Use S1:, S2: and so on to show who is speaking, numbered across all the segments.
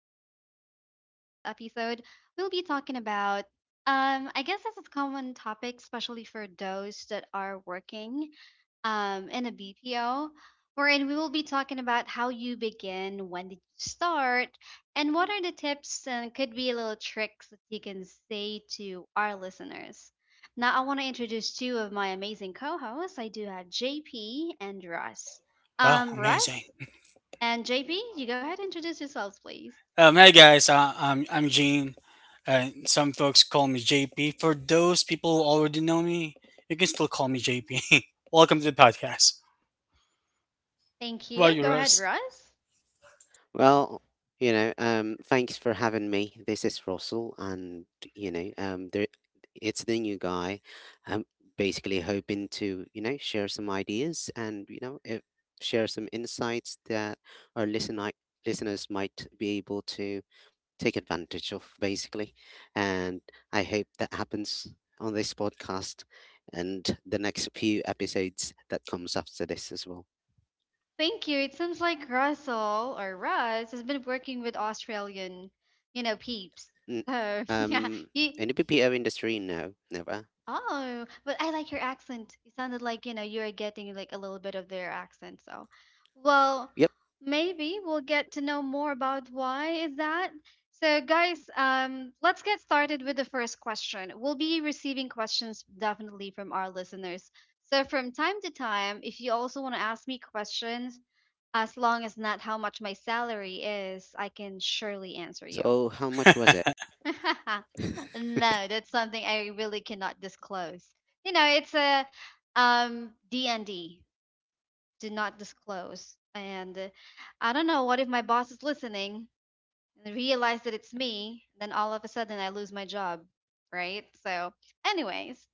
S1: S. And for today's episode, we'll be talking about, I guess this is a common topic, especially for those that are working in a BPO, wherein we will be talking about how you begin, when did you start, and what are the tips and could be little tricks that you can say to our listeners. Now, I want to introduce two of my amazing co hosts. I do have JP and Russ.
S2: Wow, amazing.
S1: Russ, and JP, you go ahead and introduce yourselves, please.
S2: Hey guys, I'm Gene, and some folks call me JP. For those people who already know me, you can still call me JP. Welcome to the podcast.
S1: Thank
S2: How about
S1: you.
S2: you,
S1: Go ahead,
S2: Russ?
S1: Russ.
S3: Well, thanks for having me. This is Russell, and you know, um, there, it's the new guy. I'm basically hoping to, share some ideas, and you know, if, share some insights that our listeners might be able to take advantage of, basically. And I hope that happens on this podcast and the next few episodes that comes after this as well.
S1: Thank you. It seems like Russell or Russ has been working with Australian, you know, peeps.
S3: N-
S1: So yeah,
S3: Um,
S1: he
S3: in the BPO industry, no, never.
S1: oh, but I like your accent. You sounded like, you know, you are getting like a little bit of their accent. So, well,
S3: Yep.
S1: maybe we'll get to know more about why is that. So, guys, let's get started with the first question. We'll be receiving questions definitely from our listeners. So, from time to time, if you also want to ask me questions, as long as not how much my salary is, I can surely answer you.
S3: So how much was it?
S1: No, that's something I really cannot disclose. You know, it's a D and D. Do not disclose. And I don't know what if my boss is listening and realize that it's me, then all of a sudden I lose my job, right? So, anyways,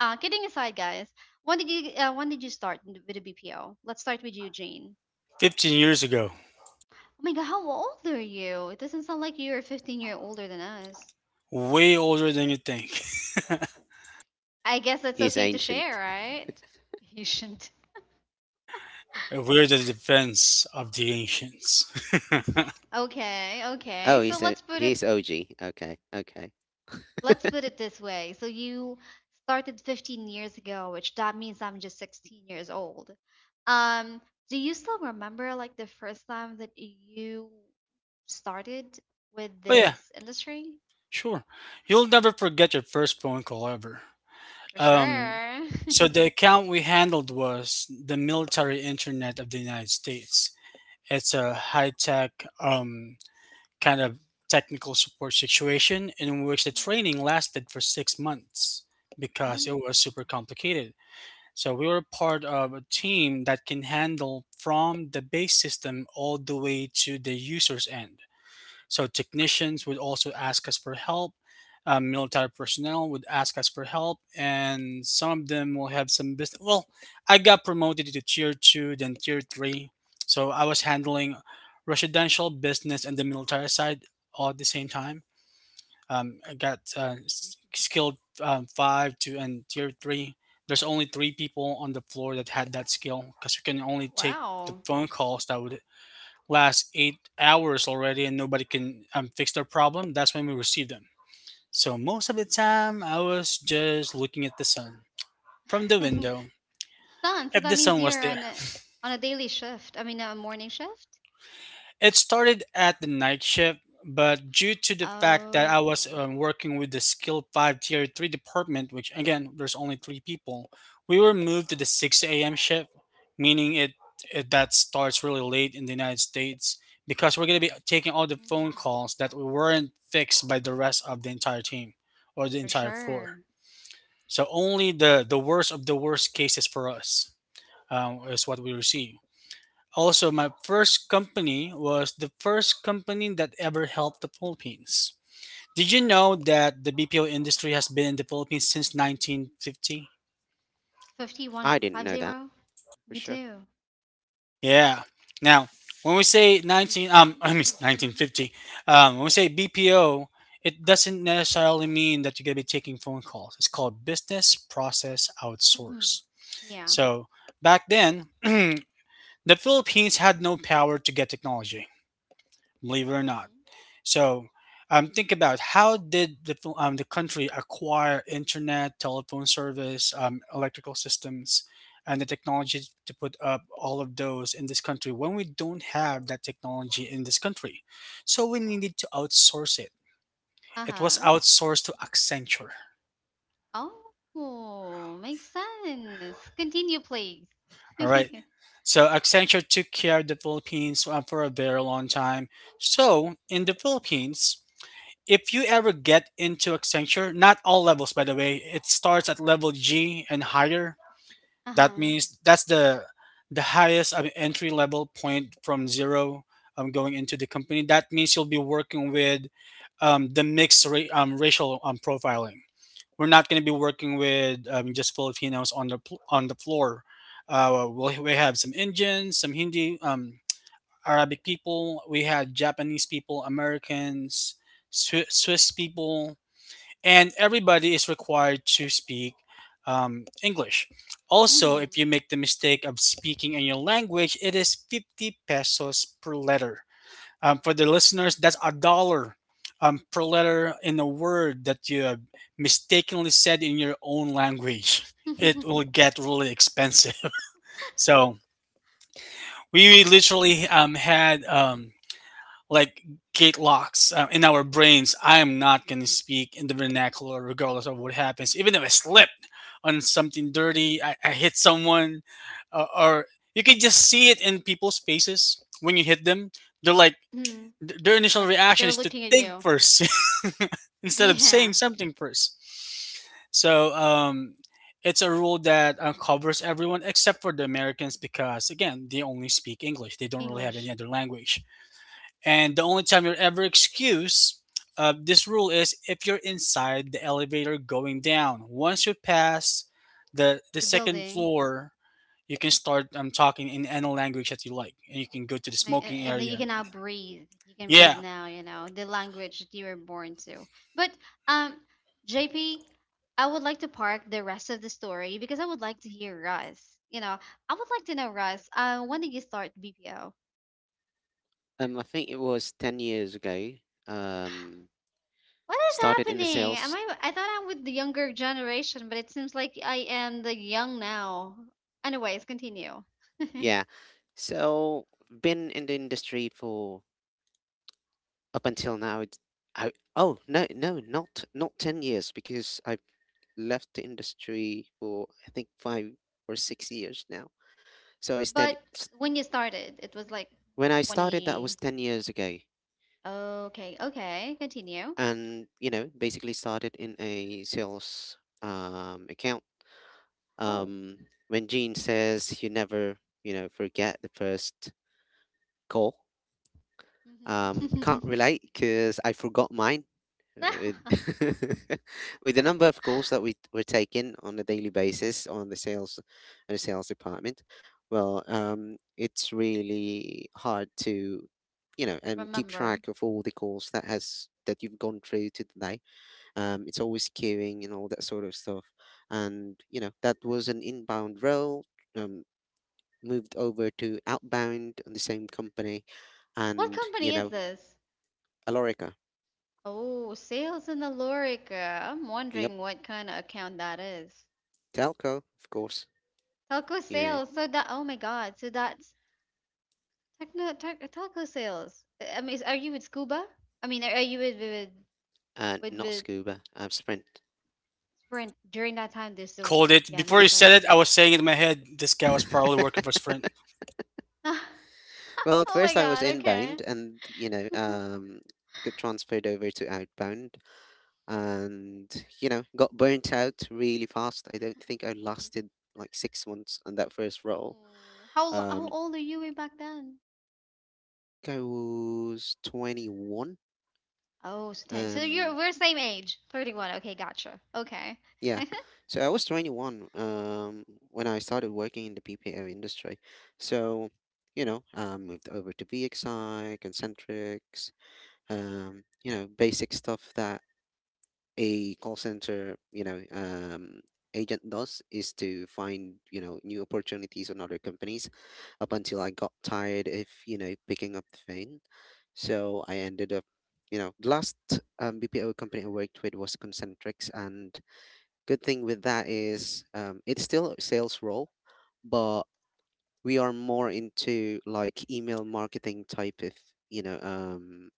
S1: kidding aside, guys, when did you with the BPO? Let's start with you, Jane.
S2: 15 years ago,
S1: Oh my God, how old are you? It doesn't sound like you're 15-year older than us.
S2: way older than you think.
S1: I guess it's
S3: He's
S1: okay to share,
S3: ancient.
S1: right? You shouldn't.
S2: We're the defense of the ancients. Oh
S1: Okay,
S3: Oh,
S1: okay. So
S3: he's a he's OG. Okay, okay.
S1: let's put it this way. So you started 15 years ago, which that means I'm just 16 years old. Um, do you still remember like the first time that you started with
S2: yeah,
S1: this industry?
S2: sure. You'll never forget your first phone call ever.
S1: For
S2: Um,
S1: sure.
S2: so the account we handled was the military internet of the United States. It's a high tech kind of technical support situation in which the
S1: Mhm.
S2: training lasted for 6 months
S1: Oh
S2: because it
S1: my.
S2: was super complicated. So we were part of a team that can handle from the base system all the way to the user's end. So technicians would also ask us for help. Military personnel would ask us for help, and some of them will have some business. Well, I got promoted to tier two, then tier three. So I was handling residential business and the military side all at the same time. I got skilled five to and tier three. There's only three people on the floor that had that skill because you can only take the
S1: Wow.
S2: phone calls that would last 8 hours already and nobody can fix their problem, that's when we receive them. So most of the time, I was just looking at the sun from the
S1: God.
S2: window.
S1: Son, so
S2: If
S1: that
S2: the
S1: means
S2: sun was
S1: you're
S2: there,
S1: on a daily shift. I mean a morning shift?
S2: it started at the night shift, but due to the fact that I was
S1: Oh,
S2: working with the skilled five tier three department, which again, there's only three people, we were moved to the 6 a.m. shift, meaning it that starts really late in the United States because we're going to be taking all the phone
S1: hmm,
S2: calls that weren't fixed by the rest of the entire team or the
S1: for
S2: entire floor.
S1: sure.
S2: So only the worst of the worst cases for us is what we receive. Also, my first company was the first company that ever helped the Philippines. Did you know that the BPO industry has been in the Philippines since 1950?
S1: Fifty-one
S3: I didn't
S1: five
S3: know that
S1: zero.
S3: for
S1: Me
S3: sure.
S1: too.
S2: Yeah. Now, when we say 19, um, I mean 1950, when we say BPO, it doesn't necessarily mean that you're going to be taking phone calls. It's called business process
S1: Hmm.
S2: outsource.
S1: Yeah.
S2: So back then, the Philippines had no power to get technology, believe it or not.
S1: Hmm.
S2: So think about how did the country acquire internet, telephone service, electrical systems, and the technology to put up all of those in this country when we don't have that technology in this country? So we needed to outsource it. It was
S1: Uh-huh.
S2: outsourced to Accenture.
S1: Oh, makes sense. Continue, please.
S2: All right. So Accenture took care of the Philippines for a very long time. So in the Philippines, if you ever get into Accenture, not all levels by the way, it starts at level G and higher. That
S1: Uh-huh.
S2: means that's the highest entry level point from zero going into the company. That means you'll be working with the mixed racial profiling. We're not going to be working with just Filipinos on on the floor. We have some Indians, some Hindi. Arabic people, we had Japanese people, Americans, Swiss people, and everybody is required to speak English. Also,
S1: Hmm.
S2: if you make the mistake of speaking in your language, it is 50 pesos per letter. For the listeners, that's a dollar per letter in a word that you have mistakenly said in your own language. It will get really expensive. So, we literally had like gate locks in our brains. I am not going to speak in the vernacular regardless of what happens. Even if I slip on something dirty, I hit someone, or you can just see it in people's faces when you hit them. They're like,
S1: Hmm.
S2: their initial
S1: Like
S2: reaction
S1: they're
S2: is to
S1: looking at
S2: think
S1: you.
S2: first instead of
S1: Yeah.
S2: saying something first. So it's a rule that covers everyone except for the Americans because, again, they only speak English. They
S1: Speak
S2: don't really have any
S1: English.
S2: other language. And the only time you're ever excused, this rule is if you're inside the elevator going down. Once you pass the
S1: The
S2: second
S1: building.
S2: floor, you can start talking in any language that you like, and you can go to the
S1: Right,
S2: smoking
S1: and then you
S2: area.
S1: can now breathe. You can breathe
S2: Yeah,
S1: now, you know, the language that you were born to. But um JP, I would like to park the rest of the story because I would like to hear Russ. You know, I would like to know Russ, when did you start BPO?
S3: I think it was 10 years ago. Um,
S1: What is
S3: Started in the
S1: happening? Am
S3: sales.
S1: I thought I'm with the younger generation, but it seems like I am the young now. Anyways, continue.
S3: Yeah. So, been in the industry for, up until now. It's, I oh, no, no, not 10 years, because I've left the industry for, I think, 5 or 6 years now. So it's ten.
S1: But when you started, it was like
S3: When I started, that was
S1: 20
S3: 10 years ago.
S1: okay, okay, continue.
S3: And basically started in a sales account
S1: Oh.
S3: um, when Gene says you never forget the first call, I can't
S1: Mhm.
S3: relate because I forgot mine, uh, with, with the number of calls that we were taking on a daily basis on the sales department. Well, it's really hard to keep
S1: Remember.
S3: track of all the calls that you've gone through today. It's always queuing and all that sort of stuff. And that was an inbound role. Um, Moved over to outbound on the same company,
S1: What
S3: and
S1: company is this?
S3: Alorica.
S1: Oh, sales in Alorica. I'm
S3: Yep,
S1: wondering what kind of account that is.
S3: telco, of course.
S1: Telco
S3: You know,
S1: sales. So that, oh my God. So that's telco sales. I mean, are you with Scuba? I mean, are you
S3: and not
S1: with
S3: scuba. I, Sprint.
S1: Sprint? During that time, there's still
S2: called
S1: Sprint.
S2: it.
S1: Yeah,
S2: Before
S1: makes
S2: you said
S1: sense.
S2: it, I was saying it in my head. This guy was probably working for Sprint.
S3: Well, at
S1: Oh my
S3: first I was
S1: God. Okay.
S3: inbound, and got transferred over to outbound, and got burnt out really fast. I don't think I lasted like 6 months on that first role.
S1: Hmm.
S3: Um,
S1: How old are you way back then?
S3: I think I was 21.
S1: Oh, so 10. So you're
S3: Um,
S1: we're same age. 31. Okay, gotcha. Okay.
S3: yeah. So I was 21, when I started working in the BPO industry. So, I moved over to VXI, Concentrics, basic stuff that a call center, agent does is to find, new opportunities on other companies, up until I got tired of, picking up the phone. So I ended up, the last BPO company I worked with was Concentrix. And good thing with that is, it's still a sales role, but we are more into like email marketing type of, you know, um,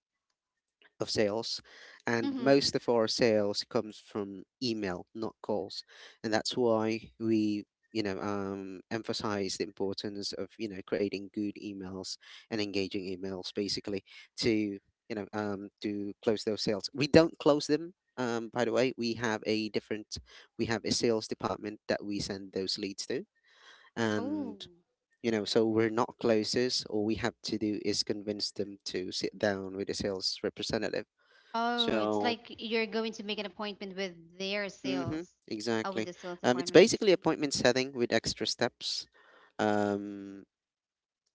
S3: of sales, and
S1: Hmm.
S3: most of our sales comes from email, not calls, and that's why we emphasize the importance of creating good emails and engaging emails, basically, to to close those sales. We don't close them. By the way, we have a sales department that we send those leads to,
S1: Oh.
S3: and so we're not closers. All we have to do is convince them to sit down with a sales representative,
S1: Oh, it's
S3: so,
S1: like you're going to make an appointment with their
S3: mm-hmm,
S1: sales. Oh, with
S3: exactly.
S1: the sales
S3: It's
S1: department, I see.
S3: basically
S1: Of
S3: appointment setting with extra steps. Um,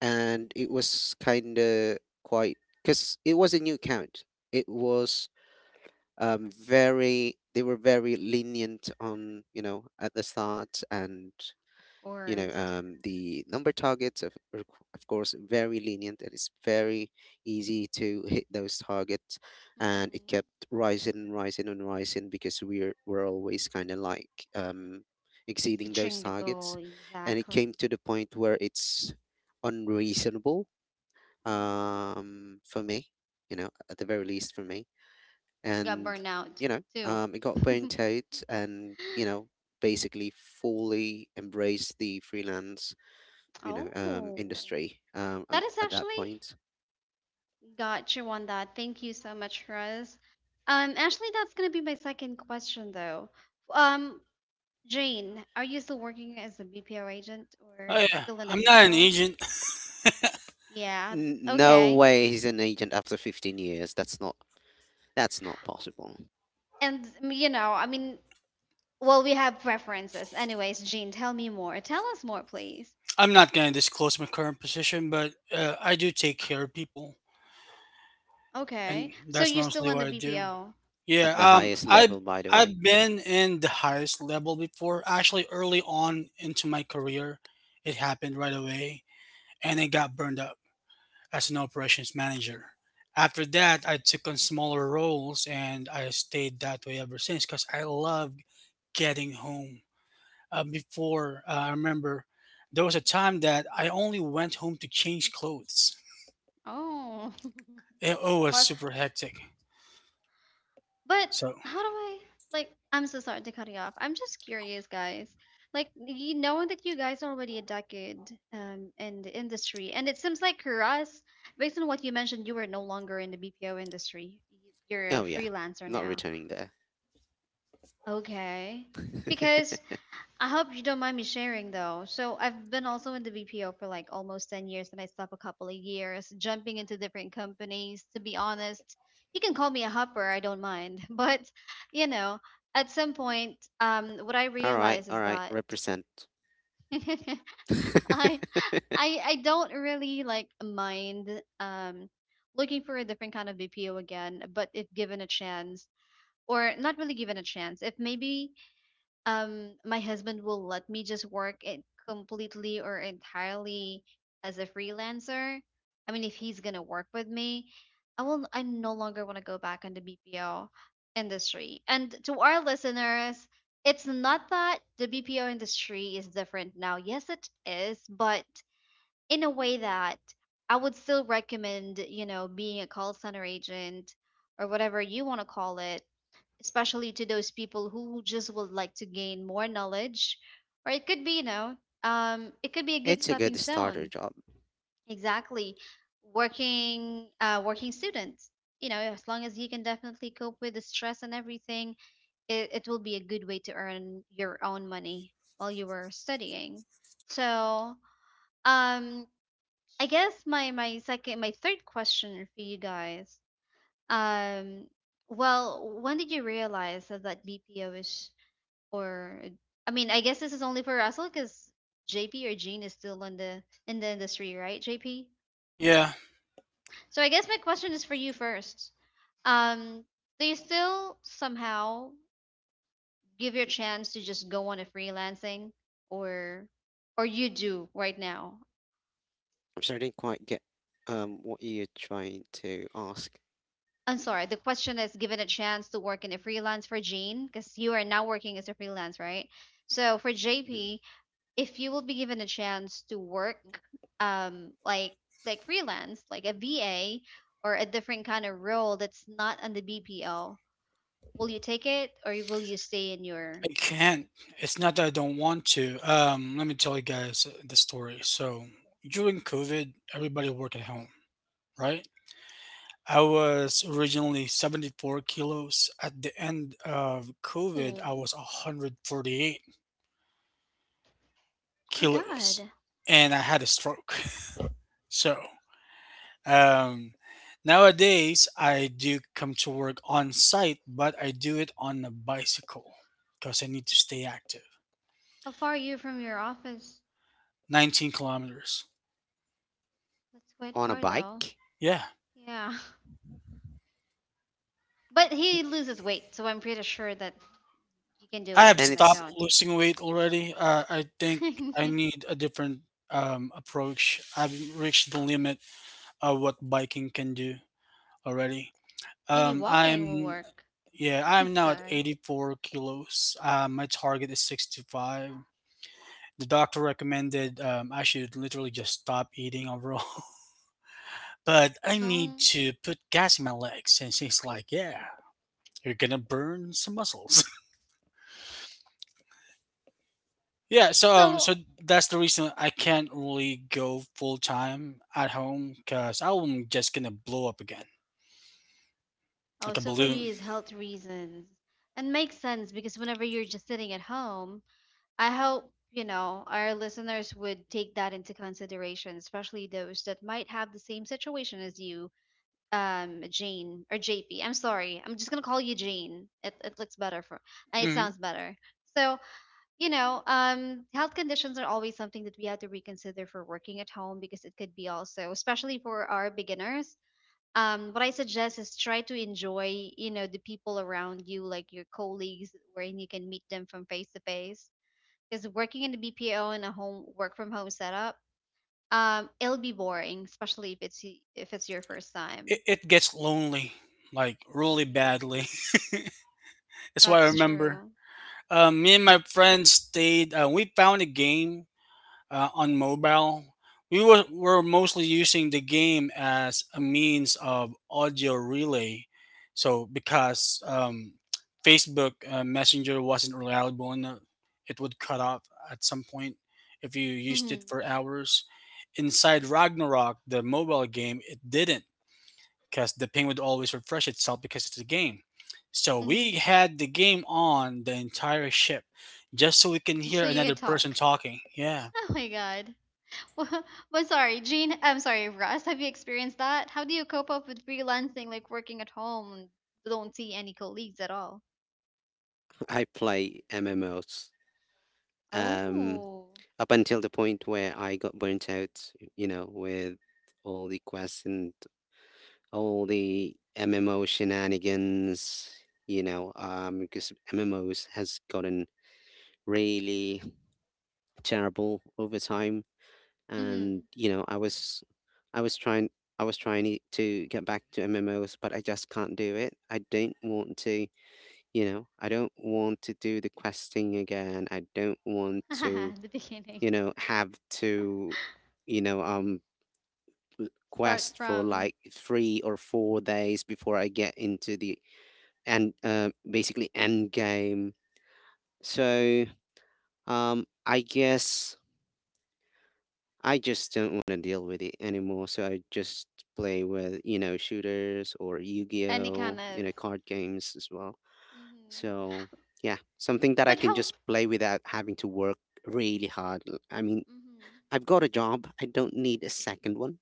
S3: and it was kind of quite, because it was a new count. It was very They were very lenient on, at the start, and
S1: course.
S3: the number targets of of course very lenient, and it's very easy to hit those targets, and it
S1: Mm-hmm.
S3: kept rising and rising and rising, because we're always kind of like, exceeding those
S1: Reaching the
S3: targets,
S1: goal,
S3: and it came
S1: exactly.
S3: to the point where it's unreasonable,
S1: Mm-hmm.
S3: for me, at the very least for me,
S1: Got
S3: and
S1: burnout too.
S3: it got burnt out, and basically fully embraced the freelance
S1: Oh,
S3: industry,
S1: that is
S3: at that
S1: actually
S3: point.
S1: got you on that. Thank you so much, Russ. Actually, that's gonna be my second question though. Um, Jane, are you still working as a BPO agent
S2: Oh
S1: or it's
S2: yeah,
S1: still in the
S2: I'm not an
S1: BPO?
S2: agent.
S1: Yeah,
S3: No
S1: okay.
S3: way he's an agent after 15 years. That's not possible.
S1: And you know, I mean, well, we have preferences. Anyways, Jane, tell me more. Tell us more, please.
S2: I'm not gonna disclose my current position, but I do take care of people,
S1: Okay.
S2: and
S1: So
S2: that's
S1: you're still
S2: mostly
S1: in the
S2: what I do.
S1: BPO.
S2: Yeah,
S3: At the highest level, by the way.
S2: I've been in the highest level before. Actually, early on into my career, it happened right away, and it got burned up as an operations manager. After that, I took on smaller roles, and I stayed that way ever since because I love getting home. Before, I remember there was a time that I only went home to change clothes.
S1: Oh.
S2: It was
S1: Well,
S2: super hectic.
S1: But
S2: So
S1: how do I like I'm so sorry to cut you off. I'm just curious, guys. Like you knowing that you guys are already a decade in the industry, and it seems like for us, based on what you mentioned, you were no longer in the BPO industry. You're a
S3: Oh yeah,
S1: freelancer
S3: not
S1: now.
S3: returning there.
S1: Okay. Because I hope you don't mind me sharing though. So I've been also in the BPO for like almost 10 years and I stopped a couple of years jumping into different companies. To be honest, you can call me a hopper, I don't mind. But, you know, at some point, what I
S3: All right,
S1: realize
S3: all
S1: is
S3: right,
S1: that
S3: represent.
S1: I I don't really like mind um looking for a different kind of BPO again, but if given a chance or not really given a chance, if maybe my husband will let me just work it completely or entirely as a freelancer. I mean, if he's gonna work with me, I no longer want to go back in the BPO industry. And to our listeners, it's not that the BPO industry is different now, yes it is, but in a way that I would still recommend, you know, being a call center agent or whatever you want to call it, especially to those people who just would like to gain more knowledge, or it could be a good
S3: It's a good
S1: stepping
S3: starter
S1: stone.
S3: job.
S1: Exactly. Working students, you know, as long as you can definitely cope with the stress and everything, it will be a good way to earn your own money while you were studying. So, um I guess my third question for you guys. um well, when did you realize that BPO is, or I mean, I guess this is only for Russell because JP or Gene is still in the industry, right, JP?
S2: yeah,
S1: So I guess my question is for you first. Um, do you still somehow give your chance to just go on a freelancing or or you do right now?
S3: I'm sorry, I didn't quite get what you're trying to ask.
S1: I'm sorry, the question is given a chance to work in a freelance for Gene, because you are now working as a freelance, right? So for
S3: Mhm.
S1: JP, if you will be given a chance to work like freelance like a VA, or a different kind of role that's not on the BPO, will you take it or will you stay in your...
S2: I can't. It's not that I don't want to. Let me tell you guys the story. So during COVID, everybody worked at home, right? I was originally 74 kilos. At the end of COVID,
S1: Oh
S2: I was 148
S1: my
S2: kilos
S1: God,
S2: and I had a stroke. So, um, nowadays I do come to work on site, but I do it on a bicycle because I need to stay active.
S1: how far are you from your office?
S2: 19 kilometers.
S1: That's quite
S3: On a
S1: far though.
S3: bike.
S2: Yeah,
S1: Yeah. But he loses weight, so I'm pretty sure that you can do
S2: I
S1: it,
S2: have
S3: And
S1: because I
S3: it's
S2: stopped
S1: don't.
S2: losing weight already. I think I need a different approach. I've reached the limit of what biking can do already.
S1: Maybe walking will
S2: I'm
S1: work.
S2: Yeah, I'm now at
S1: Sorry.
S2: 84 kilos. My target is 65. The doctor recommended I should literally just stop eating overall, but I need
S1: No.
S2: to put gas in my legs, and she's like, "Yeah, you're gonna burn some muscles." Yeah, so um,
S1: So...
S2: so that's the reason I can't really go full time at home because I'm just gonna blow up again
S1: Oh,
S2: like a
S1: so for
S2: balloon.
S1: you is health reasons. And makes sense because whenever you're just sitting at home, I hope, you know, our listeners would take that into consideration, especially those that might have the same situation as you, Jane or JP. I'm sorry. I'm just gonna call you Jane. It looks better for it
S2: Mm,
S1: sounds better. So, you know, health conditions are always something that we have to reconsider for working at home because it could be also, especially for our beginners, what I suggest is try to enjoy, you know, the people around you, like your colleagues, wherein you can meet them from face to face. Because working in the BPO in a home work from home setup, it'll be boring, especially if if it's your first
S2: it,
S1: time.
S2: it gets lonely, like really
S1: Hmm.
S2: badly. That's why I
S1: That's
S2: remember.
S1: true.
S2: Me and my friends stayed. We found a game on mobile. Were mostly using the game as a means of audio relay. So, because Facebook Messenger wasn't reliable enough, it would cut off at some point if you used it
S1: Hmm.
S2: for hours. Inside Ragnarok, the mobile game, it didn't because the ping would always refresh itself because it's a game. So, we
S1: Hmm.
S2: had the game on the entire ship just so we can
S1: Just so
S2: hear
S1: you can
S2: another person
S1: talk.
S2: talking. Yeah.
S1: Oh my God. But sorry, Jean. I'm sorry, Russ. Have you experienced that? How do you cope up with freelancing, like working at home and don't see any colleagues at all?
S3: I play MMOs, um
S1: Oh.
S3: up until the point where I got burnt out, with all the quests and all the MMO shenanigans, because MMOs has gotten really terrible over time,
S1: Mhm.
S3: and I was trying, I was trying I- to get back to MMOs, but I just can't do it. I don't want to, I don't want to do the questing again. I don't want to
S1: The beginning.
S3: have to, you know, um,
S1: Start
S3: quest for
S1: from
S3: like 3 or 4 days before I get into the and basically end game. So I guess I just don't want to deal with it anymore. So I just play with shooters or
S1: any kind
S3: Yu-Gi-Oh,
S1: of.
S3: card games as well.
S1: Mhm.
S3: So yeah, something that I
S1: But
S3: can
S1: how?
S3: just play without having to work really hard. I mean,
S1: Mhm.
S3: I've got a job. I don't need a second one.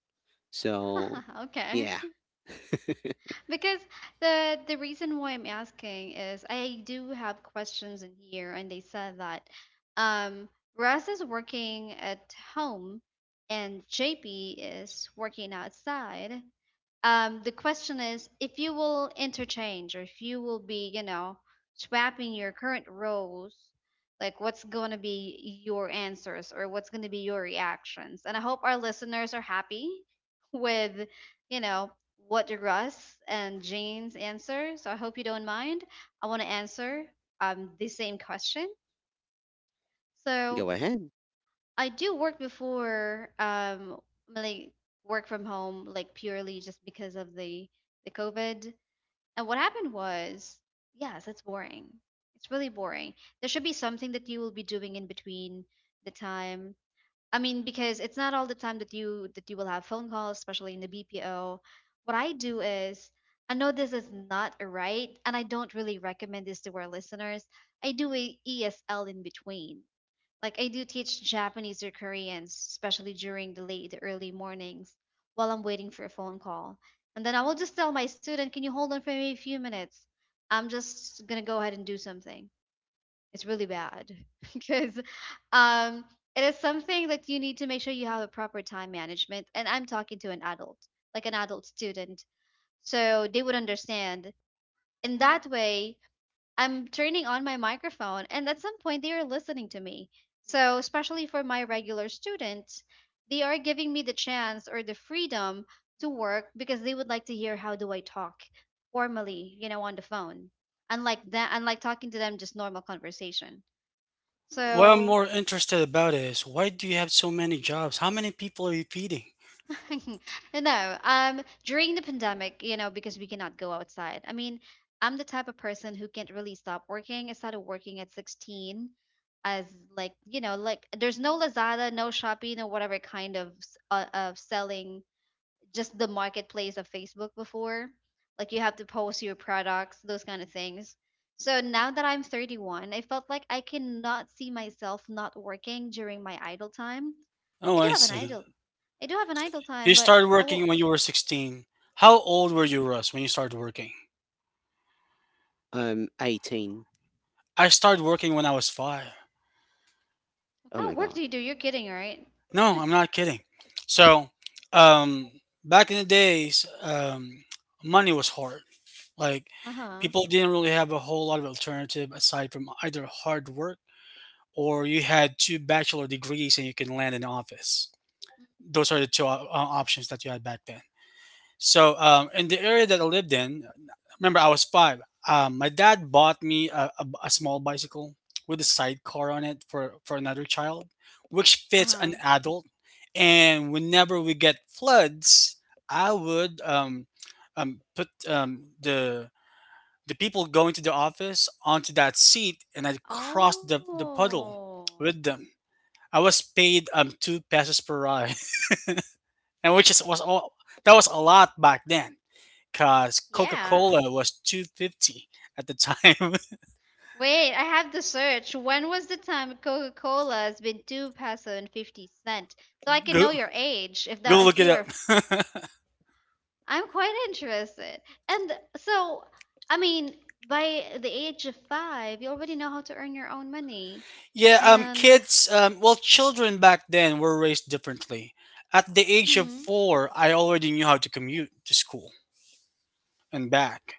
S3: So,
S1: Okay.
S3: yeah,
S1: Because the reason why I'm asking is I do have questions in here, and they said that um Russ is working at home and JP is working outside. The question is if you will interchange or if you will be, you know, swapping your current roles, like what's going to be your answers or what's going to be your reactions. And I hope our listeners are happy with, you know, what Russ and Jane's answer. So I hope you don't mind. I want to answer the same question. So
S3: go ahead.
S1: I do work before, like work from home, like purely just because of the COVID. And what happened was, yes, it's boring. It's really boring. There should be something that you will be doing in between the time. I mean, because it's not all the time that you will have phone calls, especially in the BPO. What I do is, I know this is not right, and I don't really recommend this to our listeners. I do a ESL in between. Like I do teach Japanese or Koreans, especially during the early mornings while I'm waiting for a phone call. And then I will just tell my student, "Can you hold on for me a few minutes? I'm just gonna go ahead and do something." It's really bad because um, it is something that you need to make sure you have a proper time management. And I'm talking to an adult, like an adult student, so they would understand. In that way, I'm turning on my microphone, and at some point, they are listening to me. So, especially for my regular students, they are giving me the chance or the freedom to work because they would like to hear how do I talk formally, on the phone. Unlike that, unlike talking to them just normal conversation.
S2: What I'm
S1: So,
S2: more interested about is why do you have so many jobs? How many people are you feeding?
S1: no, during the pandemic, you know, because we cannot go outside. I mean, I'm the type of person who can't really stop working. I started working at 16 as like, you know, like there's no Lazada, no Shopee, no whatever kind of of selling just the marketplace of Facebook before. Like you have to post your products, those kind of things. So now that I'm 31, I felt like I cannot see myself not working during my idle time.
S2: Oh,
S1: I do
S2: I
S1: have an
S2: see.
S1: idle I do have an idle
S2: You
S1: time, but
S2: started
S1: I
S2: working
S1: will
S2: when you were 16. How old were
S1: mhm.
S2: you, Russ, when you started working?
S3: I'm 18.
S2: I started working when I was five.
S1: What
S3: Oh
S1: kind
S3: my
S1: of work
S3: God.
S1: do you do? You're kidding, right?
S2: No, I'm not kidding. So, um, back in the days, money was hard. Like,
S1: Uh-huh.
S2: people didn't really have a whole lot of alternative aside from either hard work or you had two bachelor degrees and you can land an office. Those are the two options that you had back then. So, in the area that I lived in, remember I was five. My dad bought me a small bicycle with a sidecar on it for another child, which fits an
S1: Uh-huh.
S2: adult. And whenever we get floods, I would put the people going to the office onto that seat, and I'd cross the puddle
S1: Oh.
S2: with them. I was paid two pesos per ride and which is was all that was a lot back then, cause Coca
S1: Yeah.
S2: Cola was 2.50 at the time.
S1: Wait, I have to search. When was the time Coca Cola has been two peso and fifty cents? So I can know
S2: go
S1: your age. If
S2: Go
S1: that,
S2: look
S1: if
S2: it
S1: you
S2: up.
S1: are, I'm quite interested. And so, I mean, by the age of five, you already know how to earn your own money.
S2: Yeah,
S1: And
S2: children back then were raised differently. At the age of
S1: mm,
S2: four, I already knew how to commute to school and back.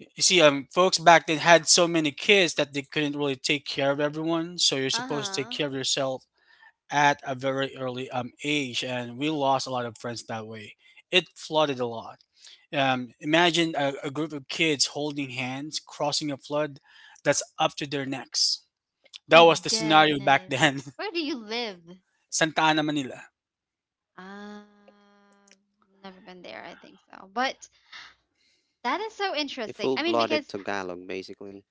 S2: You see, folks back then had so many kids that they couldn't really take care of everyone. So you're
S1: uh
S2: supposed to take
S1: huh.
S2: care of yourself at a very early age, and we lost a lot of friends that way. It flooded a lot. Imagine a group of kids holding hands, crossing a flood that's up to their necks. That
S1: My
S2: was the scenario back
S1: goodness,
S2: then.
S1: where do you live?
S2: Santa Ana, Manila.
S1: Uh, never been there. I think so, but that is so
S3: A
S1: interesting. I mean,
S3: full-blooded
S1: because
S3: Tagalog, basically.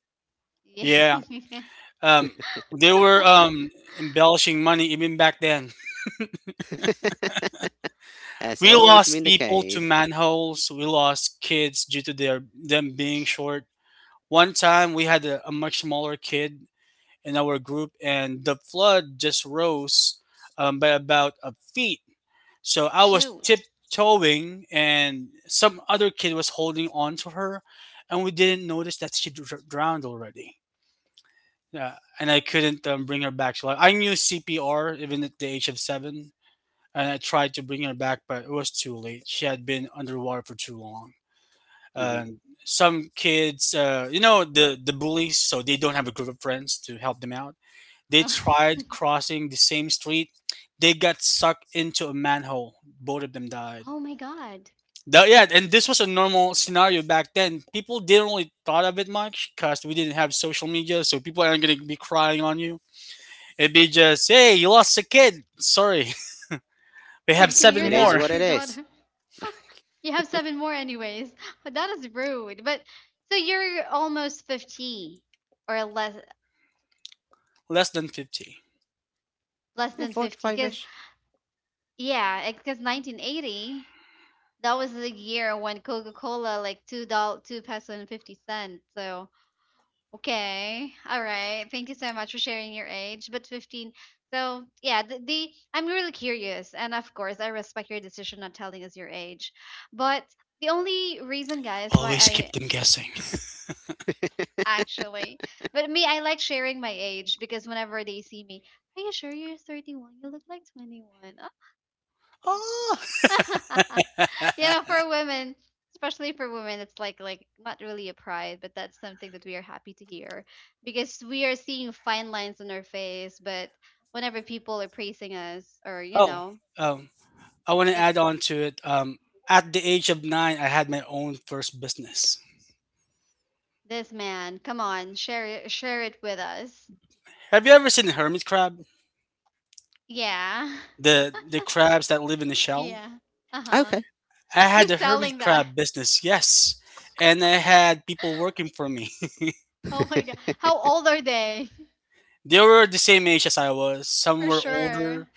S2: Yeah.
S1: yeah.
S2: Um, they were um, embellishing money even back then.
S3: Has
S2: We
S3: always been
S2: lost
S3: the
S2: people to
S3: case.
S2: manholes. We lost kids due to their them being short. One time we had a much smaller kid in our group, and the flood just rose by about a feet. So I was
S1: Shoot.
S2: tiptoeing, and some other kid was holding on to her, and we didn't notice that she drowned already. Yeah, and I couldn't bring her back to life. I knew CPR even at the age of seven, and I tried to bring her back, but it was too late. She had been underwater for too long.
S3: Mhm.
S2: And some kids, the bullies, so they don't have a group of friends to help them out. They
S1: Oh,
S2: tried crossing the same street. They got sucked into a manhole. Both of them died.
S1: oh my god.
S2: Yeah, and this was a normal scenario back then. People didn't really thought of it much because we didn't have social media, so people aren't gonna be crying on you. It'd be just, hey, you lost a kid. Sorry, we have
S1: Sorry to
S2: seven
S1: hear
S3: It is
S2: more,
S3: what
S1: that,
S3: it
S1: your
S3: is.
S1: daughter. You have seven more anyways. But that is rude. But so you're almost 50 or less
S2: less than 50.
S1: less
S3: Yeah,
S1: than 50 cuz
S3: 45-ish.
S1: yeah, cuz 1980 that was the year when Coca-Cola like 2 peso and 50 cents. So okay. All right. Thank you so much for sharing your age. But 15. So, yeah, the I'm really curious. And of course, I respect your decision not telling us your age. But the only reason, guys, why
S2: Always keep
S1: I
S2: them guessing.
S1: actually, but me, I like sharing my age because whenever they see me, are you sure you're 31? You look like 21.
S2: Oh,
S1: You know, for women, especially for women, it's like not really a pride, but that's something that we are happy to hear because we are seeing fine lines on our face. But whenever people are praising us, or you
S2: oh,
S1: know,
S2: um, I want to add
S1: it's
S2: on to it. At the age of nine, I had my own first business.
S1: this man. Come on, share it with us.
S2: Have you ever seen a hermit crab?
S1: Yeah,
S2: The crabs that live in the shell?
S1: yeah. Uh huh.
S3: Okay.
S2: I
S1: You're
S2: had a hermit
S1: selling that.
S2: crab business, yes. And I had people working for me.
S1: Oh my god, how old are they?
S2: They were the same age as I was. Some
S1: For
S2: were
S1: sure.
S2: older,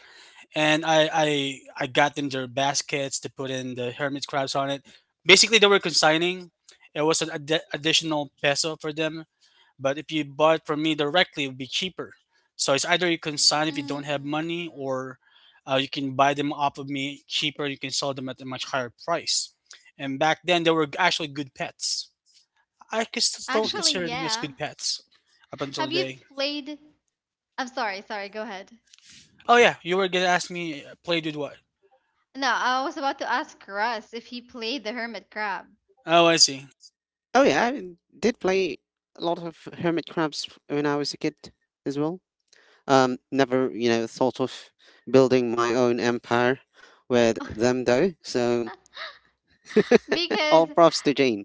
S2: and I got them their baskets to put in the hermit crabs on it. Basically, they were consigning. It was an additional peso for them. But if you buy it from me directly, it would be cheaper. So it's either you consign if you
S1: Mm.
S2: don't have money, or you can buy them off of me cheaper. You can sell them at a much higher price. And back then, they were actually good pets. I could still
S3: Mhm.
S1: Actually,
S2: consider them as
S1: yeah.
S2: good pets up until
S1: Have you
S2: today.
S1: played? I'm sorry, sorry, go ahead.
S2: Oh yeah, you were gonna ask me played with what?
S1: No, I was about to ask Russ if he played the hermit crab.
S2: Oh, I see.
S3: Oh yeah, I did play a lot of hermit crabs when I was a kid as well. Never, thought of building my own empire with them, though. So all
S1: Because
S3: props to Jane.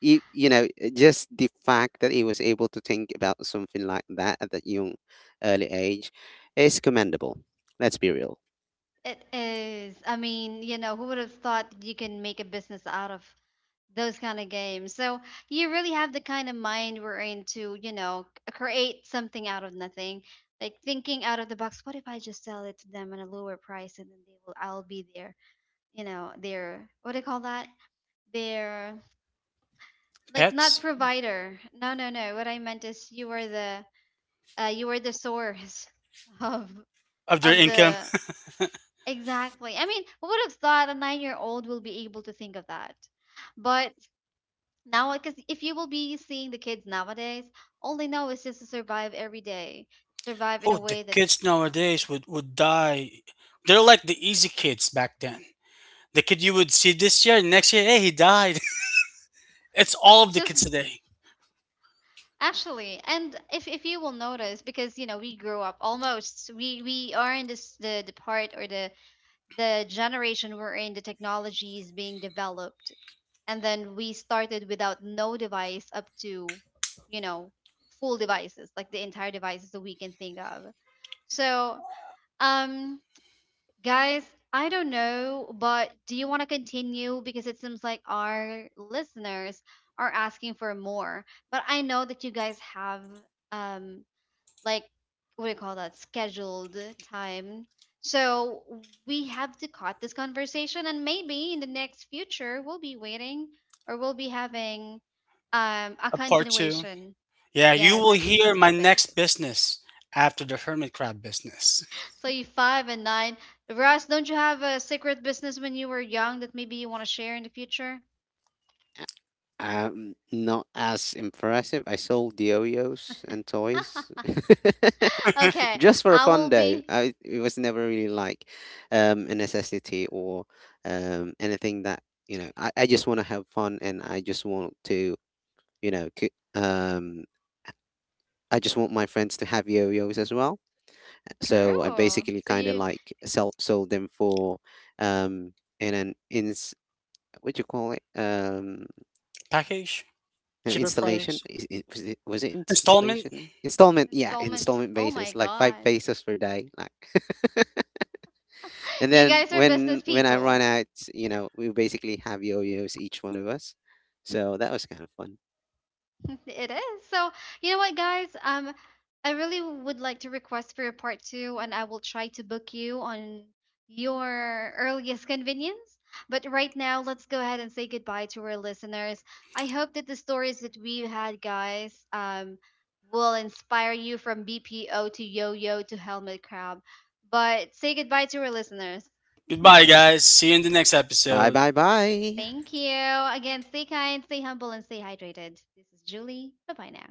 S3: Just the fact that he was able to think about something like that at that young, early age is commendable. Let's be real.
S1: it is, I mean, you know, who would have thought that you can make a business out of those kind of games? So you really have the kind of mind we're in to, you know, create something out of nothing. Like thinking out of the box, what if I just sell it to them at a lower price and then they will I'll be their, you know, their what do you call that? Their like not
S2: Pets
S1: provider. No, no, no. What I meant is you are the you were the source of
S2: of their
S1: of
S2: income.
S1: the exactly. I mean, who would have thought a 9 year old will be able to think of that? But now because if you will be seeing the kids nowadays, all they know is just to survive every day, survive in
S2: Oh,
S1: a
S2: the
S1: way that
S2: kids nowadays would die. They're like the easy kids back then. The kid you would see this year, next year, hey, he died. It's all of the
S1: just
S2: kids today.
S1: actually. And if you will notice, because you know we grew up almost we are in this the part or the generation we're in, the technology is being developed, and then we started without no device up to, you know, full devices like the entire devices that we can think of. So um guys, I don't know but do you want to continue because it seems like our listeners are asking for more but I know that you guys have um like what do you call that scheduled time. So we have to cut this conversation and maybe in the next future we'll be waiting or we'll be having a
S2: A part two.
S1: continuation.
S2: Yeah, you
S1: Yeah,
S2: will
S1: the these
S2: hear my
S1: topic.
S2: next business after the hermit crab business.
S1: So you five and nine. Russ, don't you have a secret business when you were young that maybe you want to share in the future?
S3: Not as impressive. I sold yo-yos and toys.
S1: Okay,
S3: Just for
S1: I
S3: fun,
S1: will
S3: though.
S1: be
S3: I It was never really like, a necessity, or anything that, I just want to have fun, and I just want to, you know, c- um I just want my friends to have yo-yos as well.
S1: true
S3: So I basically
S1: so
S3: kind of
S1: you
S3: like sell sold them for, um in an ins what do you call it?
S2: Package,
S3: No,
S2: cheaper
S3: installation,
S2: price,
S3: is it? Was it
S2: installment.
S3: installation installment? Yeah,
S1: installment,
S3: installment
S1: oh my
S3: basis, like five
S1: god.
S3: pesos per day, like. And
S1: You
S3: then,
S1: guys are
S3: when
S1: business
S3: when I run
S1: people.
S3: out, we basically have yo-yos, each one of us, so that was kind of fun.
S1: It is. So, you know what, guys? I really would like to request for a part two, and I will try to book you on your earliest convenience. But right now, let's go ahead and say goodbye to our listeners. I hope that the stories that we had, guys, will inspire you from BPO to yo-yo to helmet crab. But say goodbye to our listeners.
S2: Goodbye, guys. See you in the next
S3: Bye,
S2: episode.
S3: bye, bye.
S1: Thank you. Again, stay kind, stay humble, and stay hydrated. This is Julie. Bye-bye now.